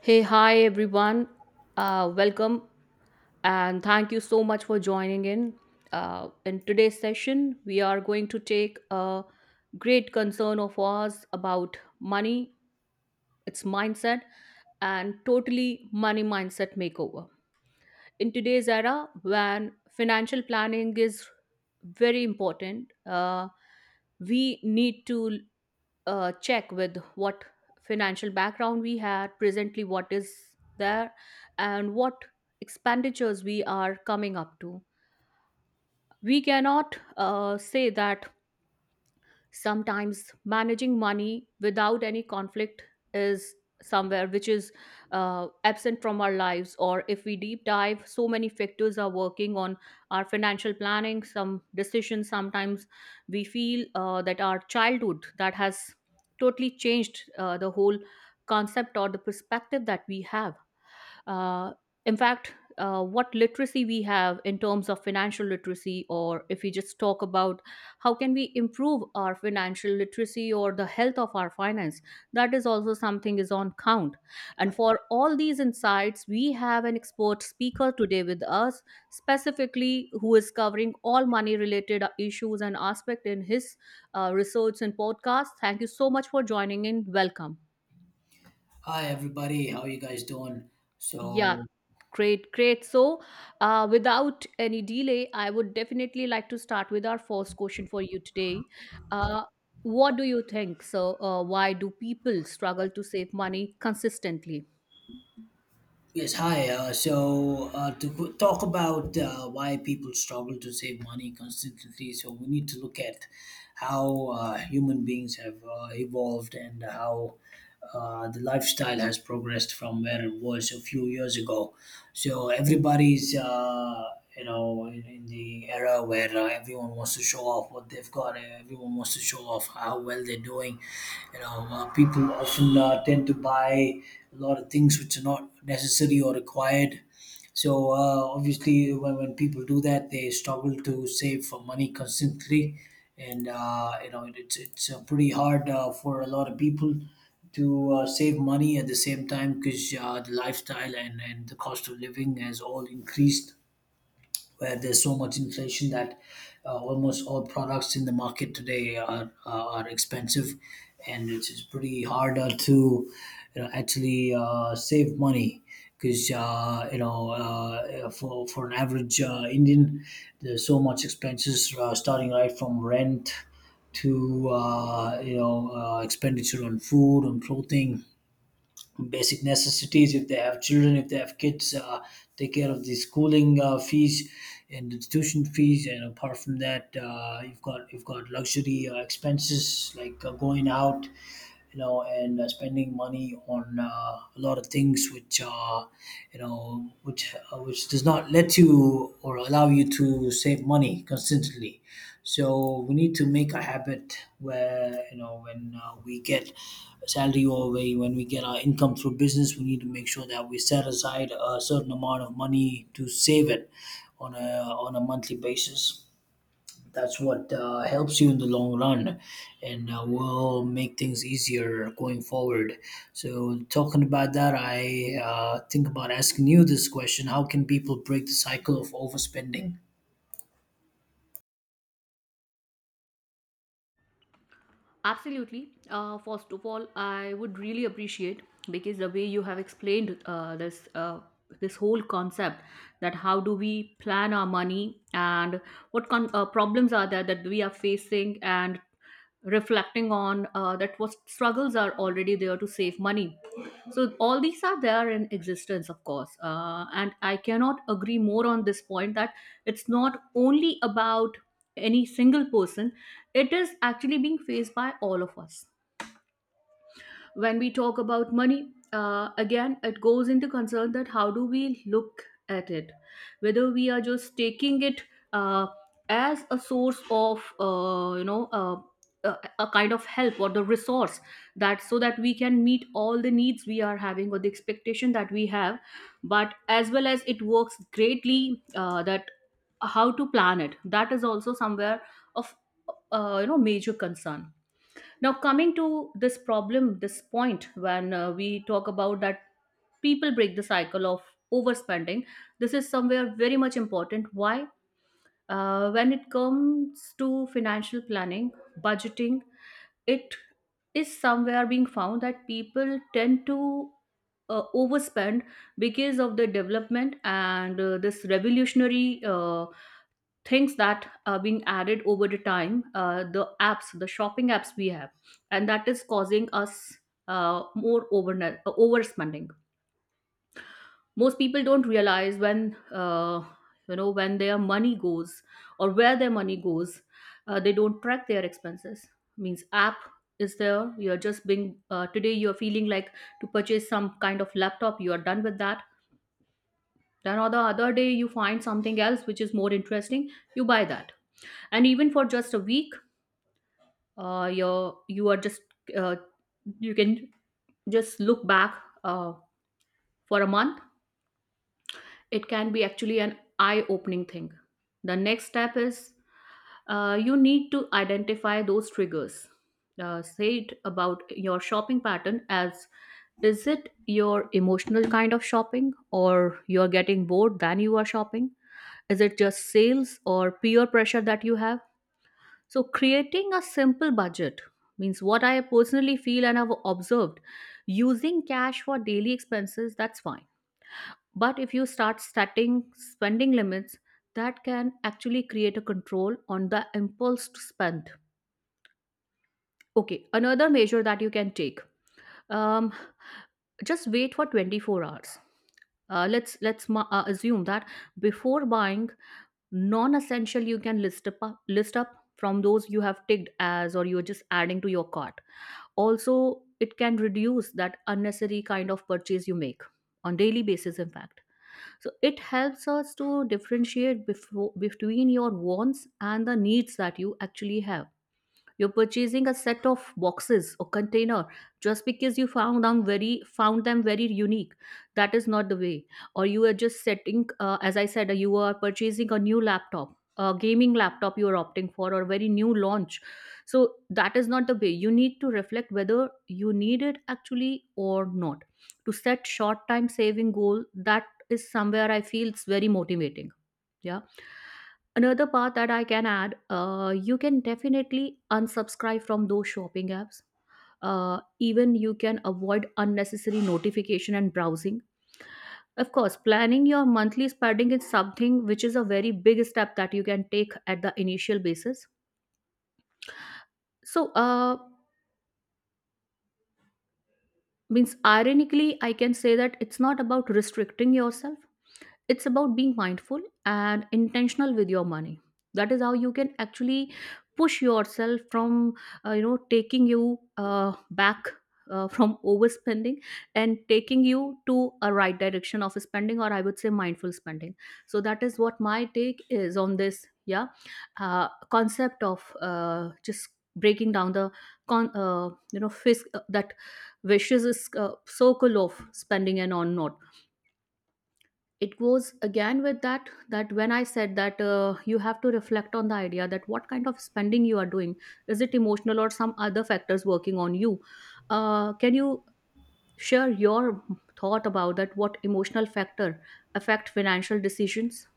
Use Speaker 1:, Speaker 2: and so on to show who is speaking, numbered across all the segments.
Speaker 1: Hey, hi everyone. Welcome and thank you so much for joining in. In today's session, we are going to take a great concern of ours about money, its mindset, and totally money mindset makeover in today's era when financial planning is very important. We need to check with what financial background we had presently, what is there, and what expenditures we are coming up to. We cannot say that. Sometimes managing money without any conflict is somewhere which is absent from our lives, or if we deep dive, so many factors are working on our financial planning, some decisions. Sometimes we feel that our childhood that has totally changed the whole concept or the perspective that we have. Uh, in fact, what literacy we have in terms of financial literacy, or if we just talk about how can we improve our financial literacy or the health of our finance, that is also something is on count. And for all these insights, we have an expert speaker today with us, specifically who is covering all money related issues and aspect in his research and podcast. Thank you so much for joining in, welcome.
Speaker 2: Hi everybody, how you guys doing?
Speaker 1: Yeah,
Speaker 2: So
Speaker 1: great, great. So, without any delay, I would definitely like to start with our first question for you today. Uh, what do you think? So, why do people struggle to save money consistently?
Speaker 2: yes, hi. So to go- talk about why people struggle to save money consistently. So we need to look at how human beings have evolved, and how the lifestyle has progressed from where it was a few years ago. So everybody's in the era where everyone wants to show off what they've got. Everyone wants to show off how well they're doing. People often tend to buy a lot of things which are not necessary or required. So obviously, when people do that, they struggle to save for money constantly, and it's pretty hard for a lot of people to save money at the same time, because the lifestyle and the cost of living has all increased, where there's so much inflation that almost all products in the market today are expensive, and it's pretty harder to actually save money, because for an average Indian, there's so much expenses starting right from rent to expenditure on food, on clothing, basic necessities, if they have children, if they have kids, take care of the schooling fees and institution fees. And apart from that, you've got luxury expenses like going out, and spending money on a lot of things which, which does not let you or allow you to save money consistently. So we need to make a habit where you know, when we get salary, or when we get our income through business, we need to make sure that we set aside a certain amount of money to save it on a on a monthly basis. That's what helps you in the long run, and will make things easier going forward. So, talking about that, I think about asking you this question: how can people break the cycle of overspending?
Speaker 1: Absolutely. First of all, I would really appreciate because the way you have explained this whole concept, that how do we plan our money and what problems are there that we are facing, and reflecting on that, what struggles are already there to save money. So all these are there in existence, of course, and I cannot agree more on this point that it's not only about any single person, it is actually being faced by all of us. When we talk about money, again it goes into concern that how do we look at it, whether we are just taking it uh, as a source of, you know, a kind of help or the resource, that so that we can meet all the needs we are having or the expectation that we have. But as well as it works greatly, that how to plan it, that is also somewhere of, you know, major concern. Now, coming to this problem, this point, when we talk about that people break the cycle of overspending, this is somewhere very much important. Why? When it comes to financial planning, budgeting, it is somewhere being found that people tend to overspend because of the development and this revolutionary things that are being added over the time, the apps, the shopping apps we have, and that is causing us more over overspending. Most people don't realize when, you know, when their money goes or where their money goes. They don't track their expenses. Means app is there, you're just being, today you're feeling like to purchase some kind of laptop, you are done with that. Then on the other day you find something else which is more interesting, you buy that. And even for just a week, you are just, uh, you can just look back, uh, for a month, it can be actually an eye opening thing. The next step is, you need to identify those triggers, say it about your shopping pattern. As is it your emotional kind of shopping, or you're getting bored then you are shopping? Is it just sales or peer pressure that you have? So, creating a simple budget means what I personally feel and have observed, using cash for daily expenses, that's fine. But if you start setting spending limits, that can actually create a control on the impulse to spend. Okay, another measure that you can take, um, just wait for 24 hours. Let's assume that before buying non-essential, you can list up, list up, from those you have ticked as or you're just adding to your cart. Also, it can reduce that unnecessary kind of purchase you make on daily basis, in fact. So it helps us to differentiate between your wants and the needs that you actually have. You're purchasing a set of boxes or container just because you found them very, found them very unique. That is not the way. Or you are just setting, as I said, you are purchasing a new laptop, a gaming laptop you are opting for, or very new launch. So that is not the way. You need to reflect whether you need it actually or not. To set short time saving goal, that is somewhere I feel it's very motivating. Yeah. Another part that I can add, you can definitely unsubscribe from those shopping apps. Even you can avoid unnecessary notification and browsing. Of course, planning your monthly spending is something which is a very big step that you can take at the initial basis. So, means ironically, I can say that it's not about restricting yourself. It's about being mindful and intentional with your money. That is how you can actually push yourself from, you know, taking you back, from overspending, and taking you to a right direction of spending, or I would say mindful spending. So that is what my take is on this. Yeah. uh, Concept of, just breaking down the con you know, fisk that vicious is, circle of spending and on not. It goes again with that, that when I said that, you have to reflect on the idea that what kind of spending you are doing. Is it emotional or some other factors working on you? Can you share your thought about that, what emotional factor affect financial decisions?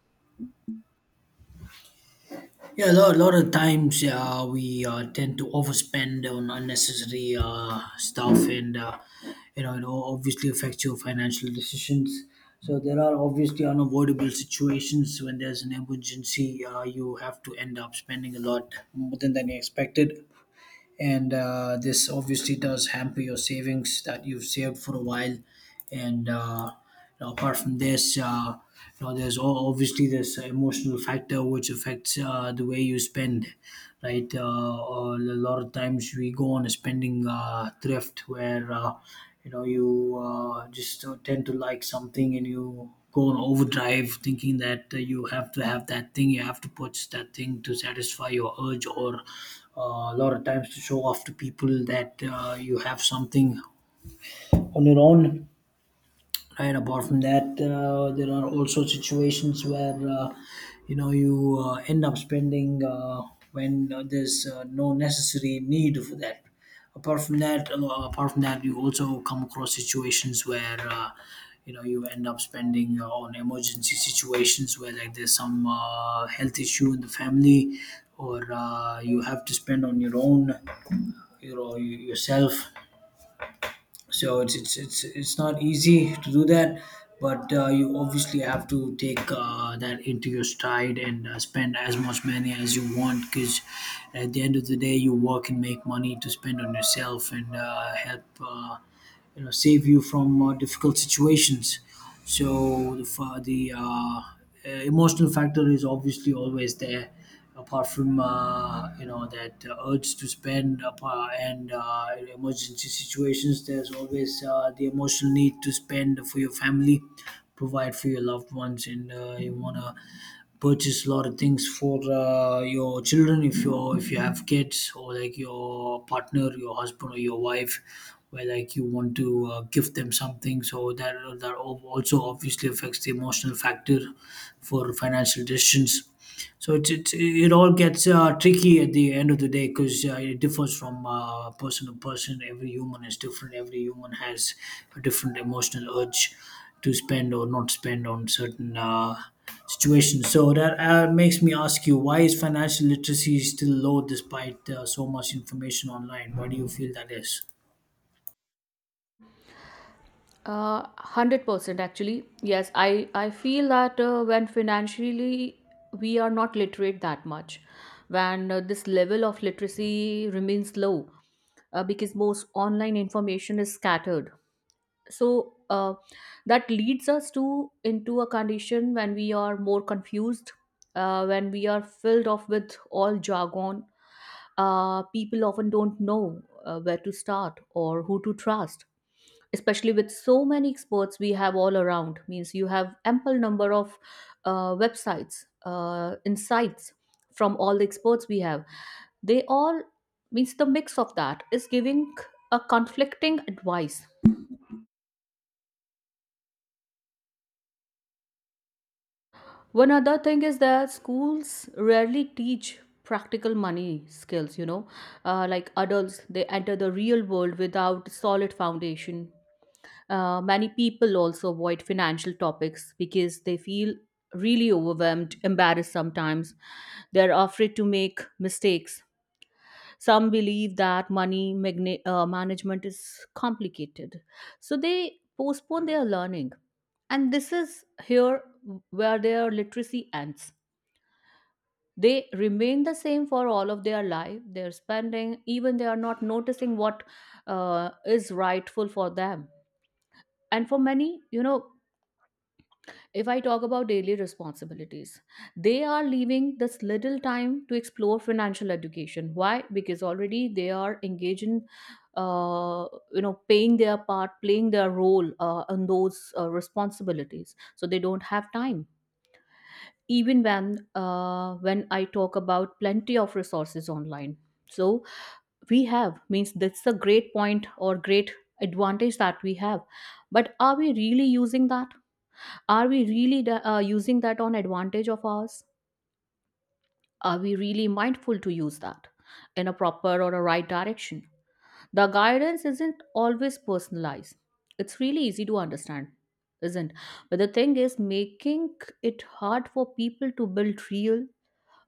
Speaker 2: Yeah, a lot, lot of times we tend to overspend on unnecessary stuff, and obviously affects your financial decisions. So there are obviously unavoidable situations when there's an emergency. You have to end up spending a lot more than you expected, and this obviously does hamper your savings that you've saved for a while. And apart from this, there's all, obviously, this emotional factor which affects the way you spend, right? A lot of times we go on a spending thrift, where you know you just tend to like something and you go on overdrive thinking that you have to have that thing, you have to purchase that thing to satisfy your urge, or a lot of times to show off to people that you have something on your own. Right. Apart from that, there are also situations where you know you end up spending when there's no necessary need for that. Apart from that, you also come across situations where you end up spending on emergency situations, where like there's some health issue in the family, or you have to spend on your own, yourself. So it's not easy to do that. But you obviously have to take that into your stride and spend as much money as you want, because at the end of the day you work and make money to spend on yourself and help save you from difficult situations. So the emotional factor is obviously always there, apart from that urge to spend. And in emergency situations, there's always the emotional need to spend for your family, provide for your loved ones. And you want to purchase a lot of things for your children, if you have kids, or like your partner, your husband, or your wife, where like you want to give them something. So that that also obviously affects the emotional factor for financial decisions. So it all gets tricky at the end of the day, because it differs from person to person. Every human is different, every human has a different emotional urge to spend or not spend on certain situation. So that makes me ask you, why is financial literacy still low despite so much information online? Why do you feel that is?
Speaker 1: 100% actually. Yes, I feel that when financially we are not literate that much, when this level of literacy remains low, because most online information is scattered. So that leads us to into a condition when we are more confused, when we are filled off with all jargon. People often don't know where to start or who to trust, especially with so many experts we have all around. Means you have ample number of websites, insights from all the experts we have. They all, means the mix of that is giving a conflicting advice. One other thing is that schools rarely teach practical money skills, you know, like adults, they enter the real world without solid foundation. Many people also avoid financial topics because they feel really overwhelmed, embarrassed sometimes. They're afraid to make mistakes. Some believe that money management is complicated. So they postpone their learning. And this is here where their literacy ends. They remain the same for all of their life. They're spending, even they are not noticing what is rightful for them. And for many, you know, if I talk about daily responsibilities, they are leaving this little time to explore financial education. Why? Because already they are engaged in, uh, you know, paying their part, playing their role on those responsibilities. So they don't have time. Even when when I talk about plenty of resources online, so we have means that's a great point or great advantage that we have. But are we really using that? Are we really using that on advantage of ours? Are we really mindful to use that in a proper or a right direction? The guidance isn't always personalized. It's really easy to understand, isn't, but the thing is making it hard for people to build real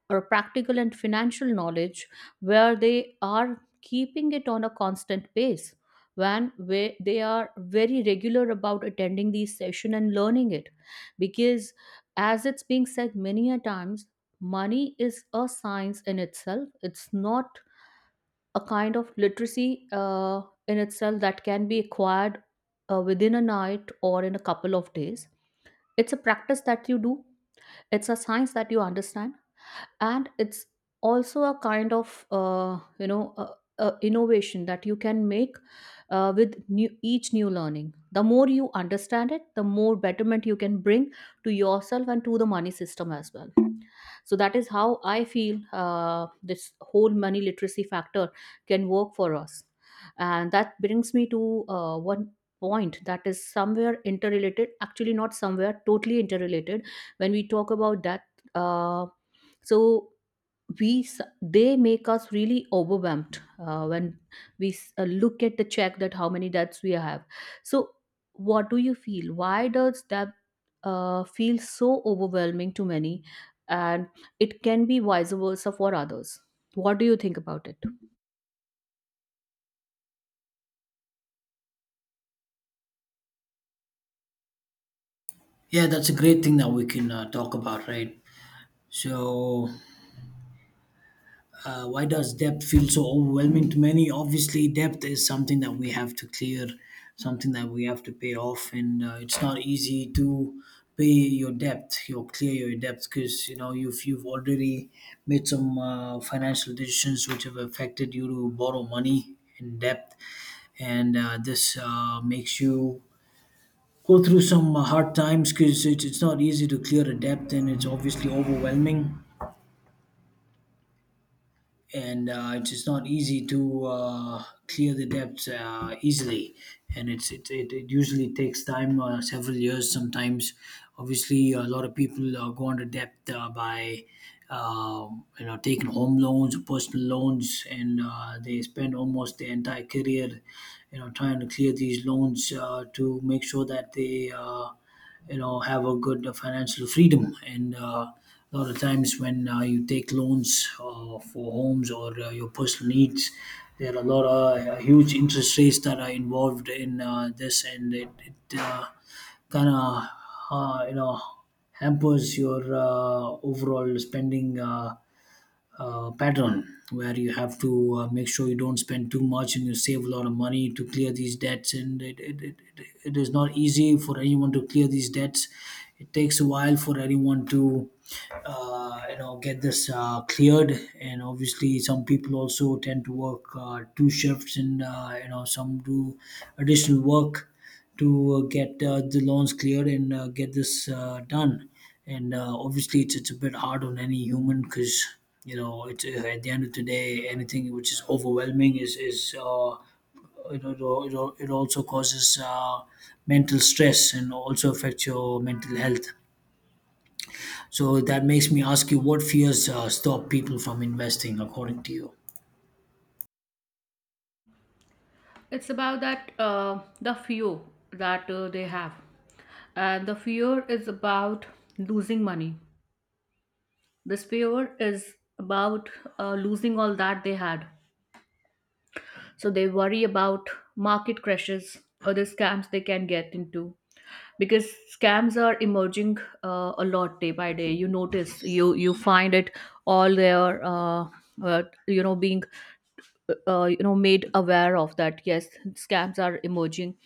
Speaker 1: or practical and financial knowledge, where they are keeping it on a constant pace, when where they are very regular about attending these session and learning it. Because as it's being said many a times, money is a science in itself. It's not a kind of literacy in itself that can be acquired within a night or in a couple of days. It's a practice that you do, it's a science that you understand, and it's also a kind of innovation that you can make with each new learning. The more you understand it, the more betterment you can bring to yourself and to the money system as well. So that is how I feel this whole money literacy factor can work for us. And that brings me to one point that is somewhere interrelated, actually not somewhere totally interrelated. When we talk about that, uh, so, they make us really overwhelmed when look at the check that how many debts we have. So what do you feel, why does that feel so overwhelming to many, and it can be vice versa for others? What do you think about it?
Speaker 2: Yeah, that's a great thing that we can talk about, right? So why does depth feel so overwhelming to many? Obviously, depth is something that we have to clear, something that we have to pay off, and it's not easy to pay your depth, your clear your depth, because you know if you've already made some financial decisions which have affected you to borrow money in depth, and this makes you go through some hard times, because it's not easy to clear a debt, and it's obviously overwhelming. And it's just not easy to clear the debts easily, and it usually takes time, several years sometimes. Obviously a lot of people go into debt by uh, taking home loans or personal loans, and they spend almost their entire career, you know, trying to clear these loans to make sure that they have a good financial freedom. And a lot of times when you take loans for homes or your personal needs, there are a lot of huge interest rates that are involved in this, and it kind of uh, you know hampers your overall spending pattern, where you have to make sure you don't spend too much and you save a lot of money to clear these debts. And it is not easy for anyone to clear these debts. It takes a while for anyone to get this cleared. And obviously some people also tend to work two shifts, and some do additional work to get the loans cleared and get this done. And obviously, it's a bit hard on any human, because you know it's at the end of the day, anything which is overwhelming is it, it, it it also causes mental stress and also affects your mental health. So that makes me ask you, what fears stop people from investing, according to you?
Speaker 1: It's about that the fear that they have, and the fear is about losing money. This fear is about losing all that they had, so they worry about market crashes or the scams they can get into, because scams are emerging a lot day by day. You notice, you find it all there, being made aware of that. Yes, scams are emerging,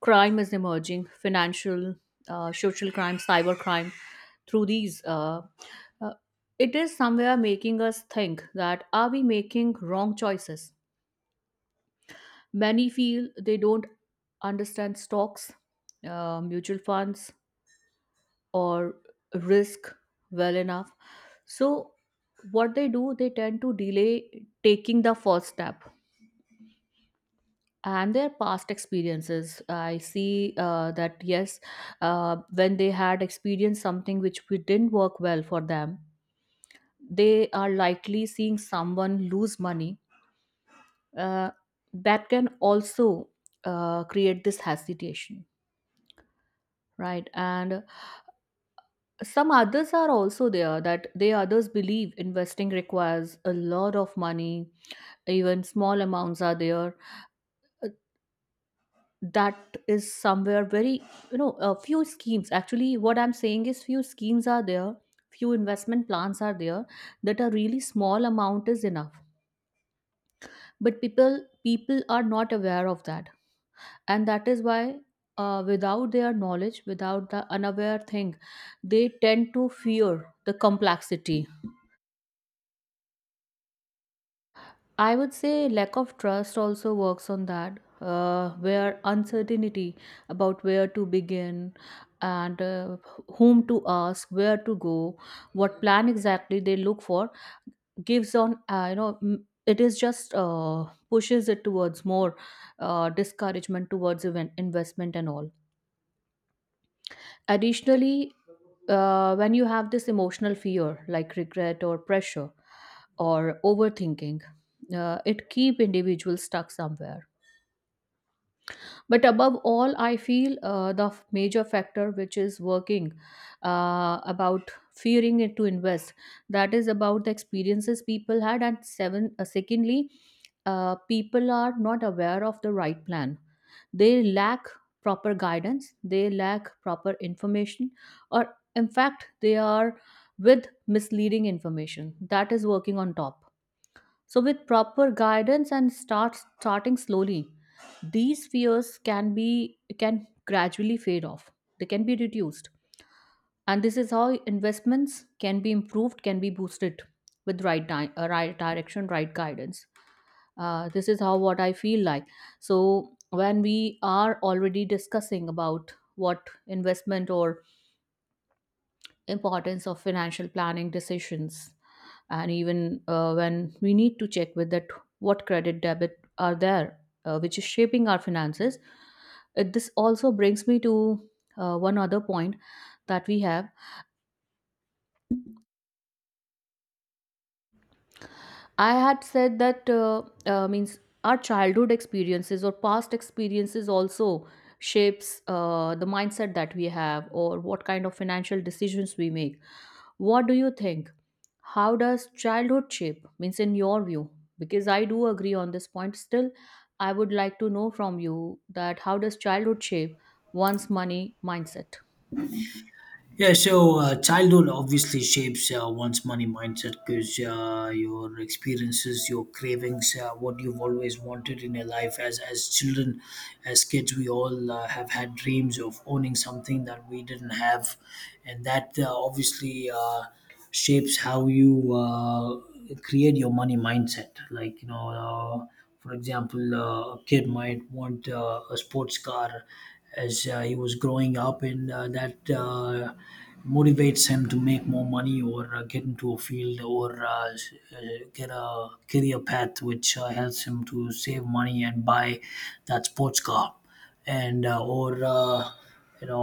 Speaker 1: crime is emerging, financial social crime, cyber crime, through these uh, it is somewhere making us think that are we making wrong choices. Many feel they don't understand stocks, mutual funds, or risk well enough. So what they do, they tend to delay taking the first step, and their past experiences. I see that yes, when they had experienced something which we didn't work well for them, they are likely seeing someone lose money. Uh, that can also create this hesitation, right? And some others are also there that they others believe investing requires a lot of money, even small amounts are there. Uh, That is somewhere very, you know, a few schemes. Actually, what I'm saying is few schemes are there, few investment plans are there that a really small amount is enough. But people are not aware of that. And that is why without their knowledge, without the unaware thing, they tend to fear the complexity. I would say lack of trust also works on that, where uncertainty about where to begin and whom to ask, where to go, what plan exactly they look for gives on, you know, it is just pushes it towards more discouragement towards even investment and all. Additionally, when you have this emotional fear like regret or pressure or overthinking, it keep individuals stuck somewhere. But above all I feel major factor which is working about fearing it to invest, that is about the experiences people had, and seven secondly, people are not aware of the right plan. They lack proper guidance, they lack proper information, or in fact, they are with misleading information that is working on top. So with proper guidance and starting slowly, these fears can gradually fade off. They can be reduced, and this is how investments can be improved, can be boosted with right direction, right guidance. This is how what I feel like. So when we are already discussing about what investment or importance of financial planning decisions, and even when we need to check with that what credit debit are there which is shaping our finances, this also brings me to one other point that we have. I had said that means our childhood experiences or past experiences also shapes the mindset that we have or what kind of financial decisions we make. What do you think? How does childhood shape? Means in your view, because I do agree on this point. Still, I would like to know from you that how does childhood shape one's money mindset?
Speaker 2: Yeah, so childhood obviously shapes one's money mindset, because your experiences, your cravings, what you've always wanted in your life. As children, as kids, we all have had dreams of owning something that we didn't have, and that obviously shapes how you create your money mindset. Like, you know, for example, a kid might want a sports car as he was growing up, and that motivates him to make more money, or get into a field, or get a career path which helps him to save money and buy that sports car. And or you know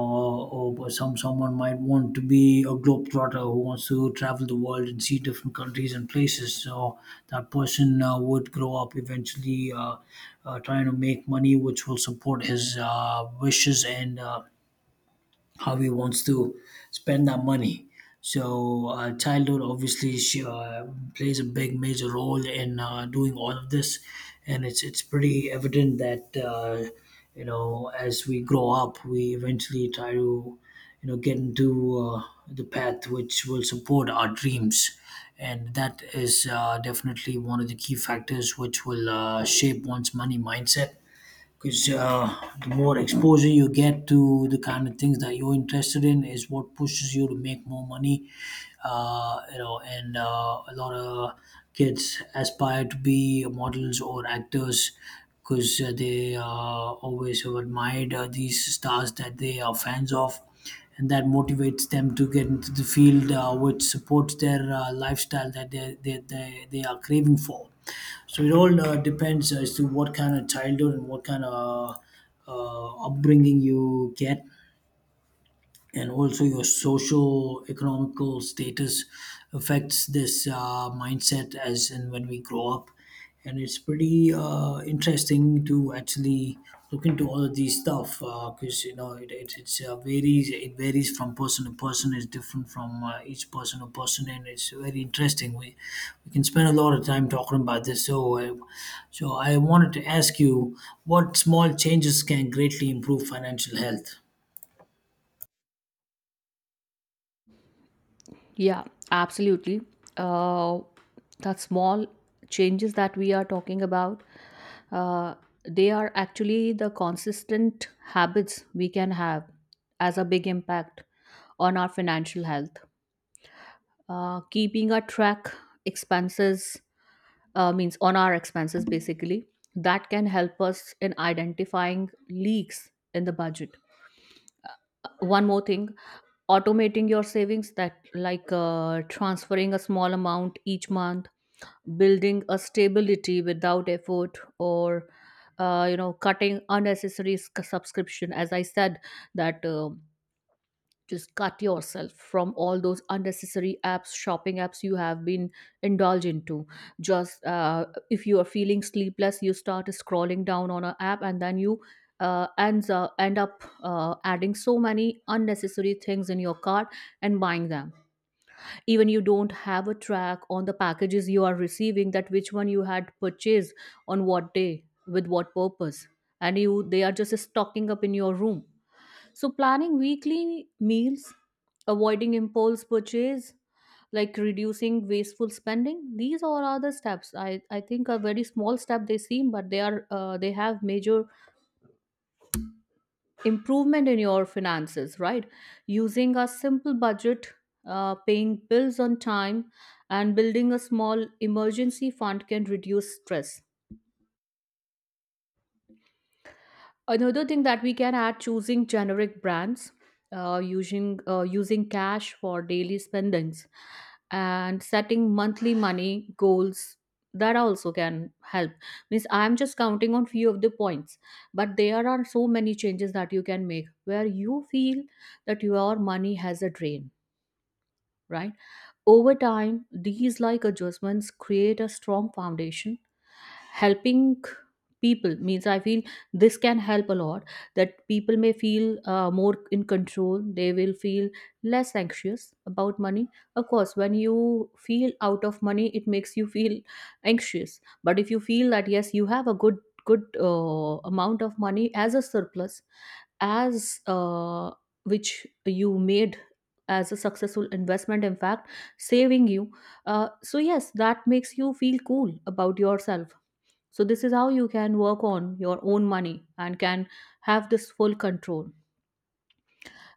Speaker 2: or some someone might want to be a globetrotter who wants to travel the world and see different countries and places. So that person would grow up eventually trying to make money which will support his wishes and how he wants to spend that money. So, childhood obviously plays a big, major role in doing all of this, and it's pretty evident that as we grow up, we eventually try to get into the path which will support our dreams. And that is definitely one of the key factors which will shape one's money mindset, because the more exposure you get to the kind of things that you're interested in is what pushes you to make more money. You know and A lot of kids aspire to be models or actors, because they always have admired these stars that they are fans of, and that motivates them to get into the field, which supports their lifestyle that they are craving for. So it all depends as to what kind of childhood and what kind of upbringing you get, and also your social economical status affects this mindset as in when we grow up. And it's pretty interesting to actually look into all of these stuff because varies. It varies from person to person. It's different from each person to person, and it's very interesting. We can spend a lot of time talking about this, so I wanted to ask you, what small changes can greatly improve financial health?
Speaker 1: Yeah, absolutely. Uh, that small changes that we are talking about uh, they are actually the consistent habits we can have as a big impact on our financial health. Keeping a track expenses, means on our expenses basically, that can help us in identifying leaks in the budget. One more thing, automating your savings, that like transferring a small amount each month, building a stability without effort, or you know, cutting unnecessary subscription, as I said, that just cut yourself from all those unnecessary apps, shopping apps you have been indulged into. Just if you are feeling sleepless, you start scrolling down on an app, and then you end up adding so many unnecessary things in your cart and buying them. Even you don't have a track on the packages you are receiving, that which one you had purchased on what day with what purpose, and you they are just stocking up in your room. So planning weekly meals, avoiding impulse purchase, like reducing wasteful spending, these all are the steps I think are very small step they seem, but they are they have major improvement in your finances, right? Using a simple budget, paying bills on time, and building a small emergency fund can reduce stress. Another thing that we can add, choosing generic brands, using cash for daily spendings, and setting monthly money goals. That also can help. Means I'm just counting on few of the points, but there are so many changes that you can make where you feel that your money has a drain, right? Over time, these like adjustments create a strong foundation, helping people. Means I feel this can help a lot, that people may feel more in control. They will feel less anxious about money. Of course, when you feel out of money, it makes you feel anxious. But if you feel that yes, you have a good amount of money as a surplus, as which you made as a successful investment, in fact, saving you, so yes, that makes you feel cool about yourself. So this is how you can work on your own money and can have this full control.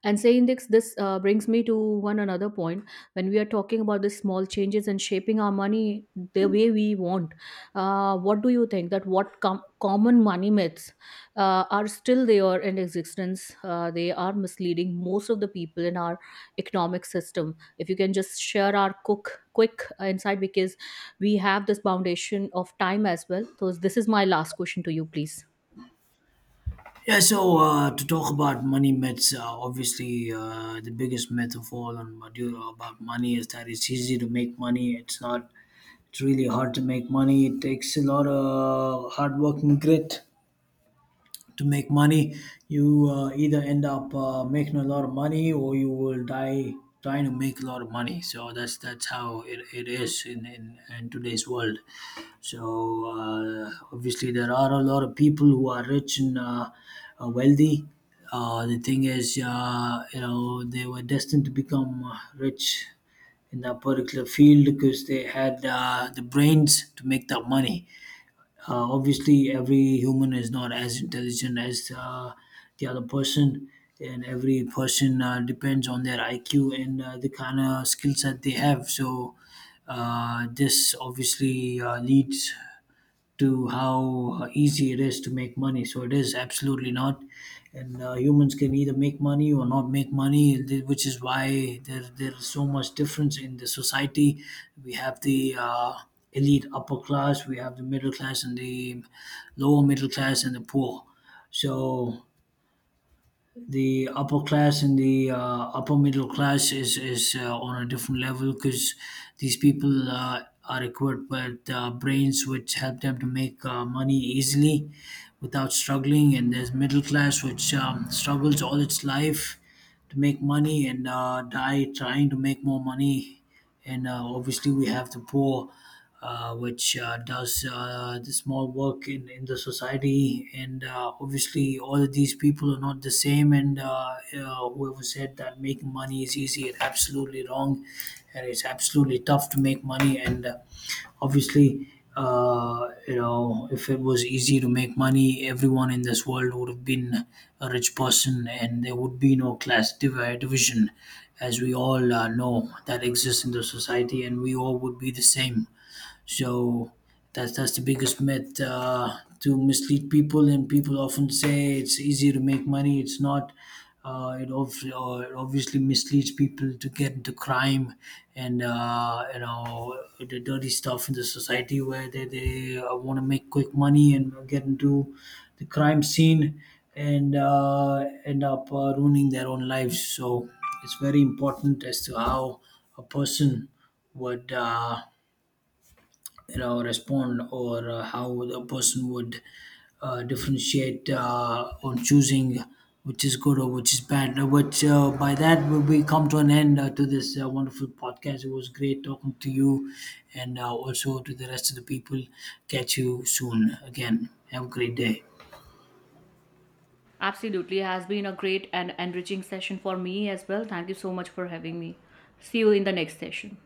Speaker 1: And saying this, brings me to one another point. When we are talking about the small changes and shaping our money the way we want, what do you think that what common money myths are still there in existence? They are misleading most of the people in our economic system. If you can just share our cook quick insight, because we have this foundation of time as well. So this is my last question to you, please.
Speaker 2: Yeah, to talk about money myths, obviously the biggest myth of all on Maduro about money is that it's easy to make money. It's not. It's really hard to make money. It takes a lot of hard work and grit to make money. You either end up making a lot of money, or you will die trying to make a lot of money. So that's how it is in today's world. So obviously, there are a lot of people who are rich and wealthy. The thing is, you know, they were destined to become rich in that particular field because they had the brains to make that money. Obviously, every human is not as intelligent as the other person, and every person depends on their IQ and the kind of skill set they have. So, this obviously leads to how easy it is to make money. So it is absolutely not. And humans can either make money or not make money, which is why there's so much difference in the society. We have the elite upper class, we have the middle class, and the lower middle class, and the poor. So the upper class and the upper middle class is on a different level because these people are equipped with brains which help them to make money easily without struggling. And there's middle class which struggles all its life to make money, and die trying to make more money. And obviously we have the poor, which does the small work in the society. And obviously, all of these people are not the same. And whoever said that making money is easy is absolutely wrong. And it's absolutely tough to make money. And obviously, you know, if it was easy to make money, everyone in this world would have been a rich person, and there would be no class division, as we all know that exists in the society, and we all would be the same. So that's the biggest myth, to mislead people, and people often say it's easy to make money. It's not. It obviously misleads people to get into crime, and you know, the dirty stuff in the society where they want to make quick money and get into the crime scene, and end up ruining their own lives. So it's very important as to how a person would. You know, respond, or how the person would differentiate on choosing which is good or which is bad. But by that, we come to an end to this wonderful podcast. It was great talking to you, and also to the rest of the people. Catch you soon again. Have a great day.
Speaker 1: Absolutely, it has been a great and enriching session for me as well. Thank you so much for having me. See you in the next session.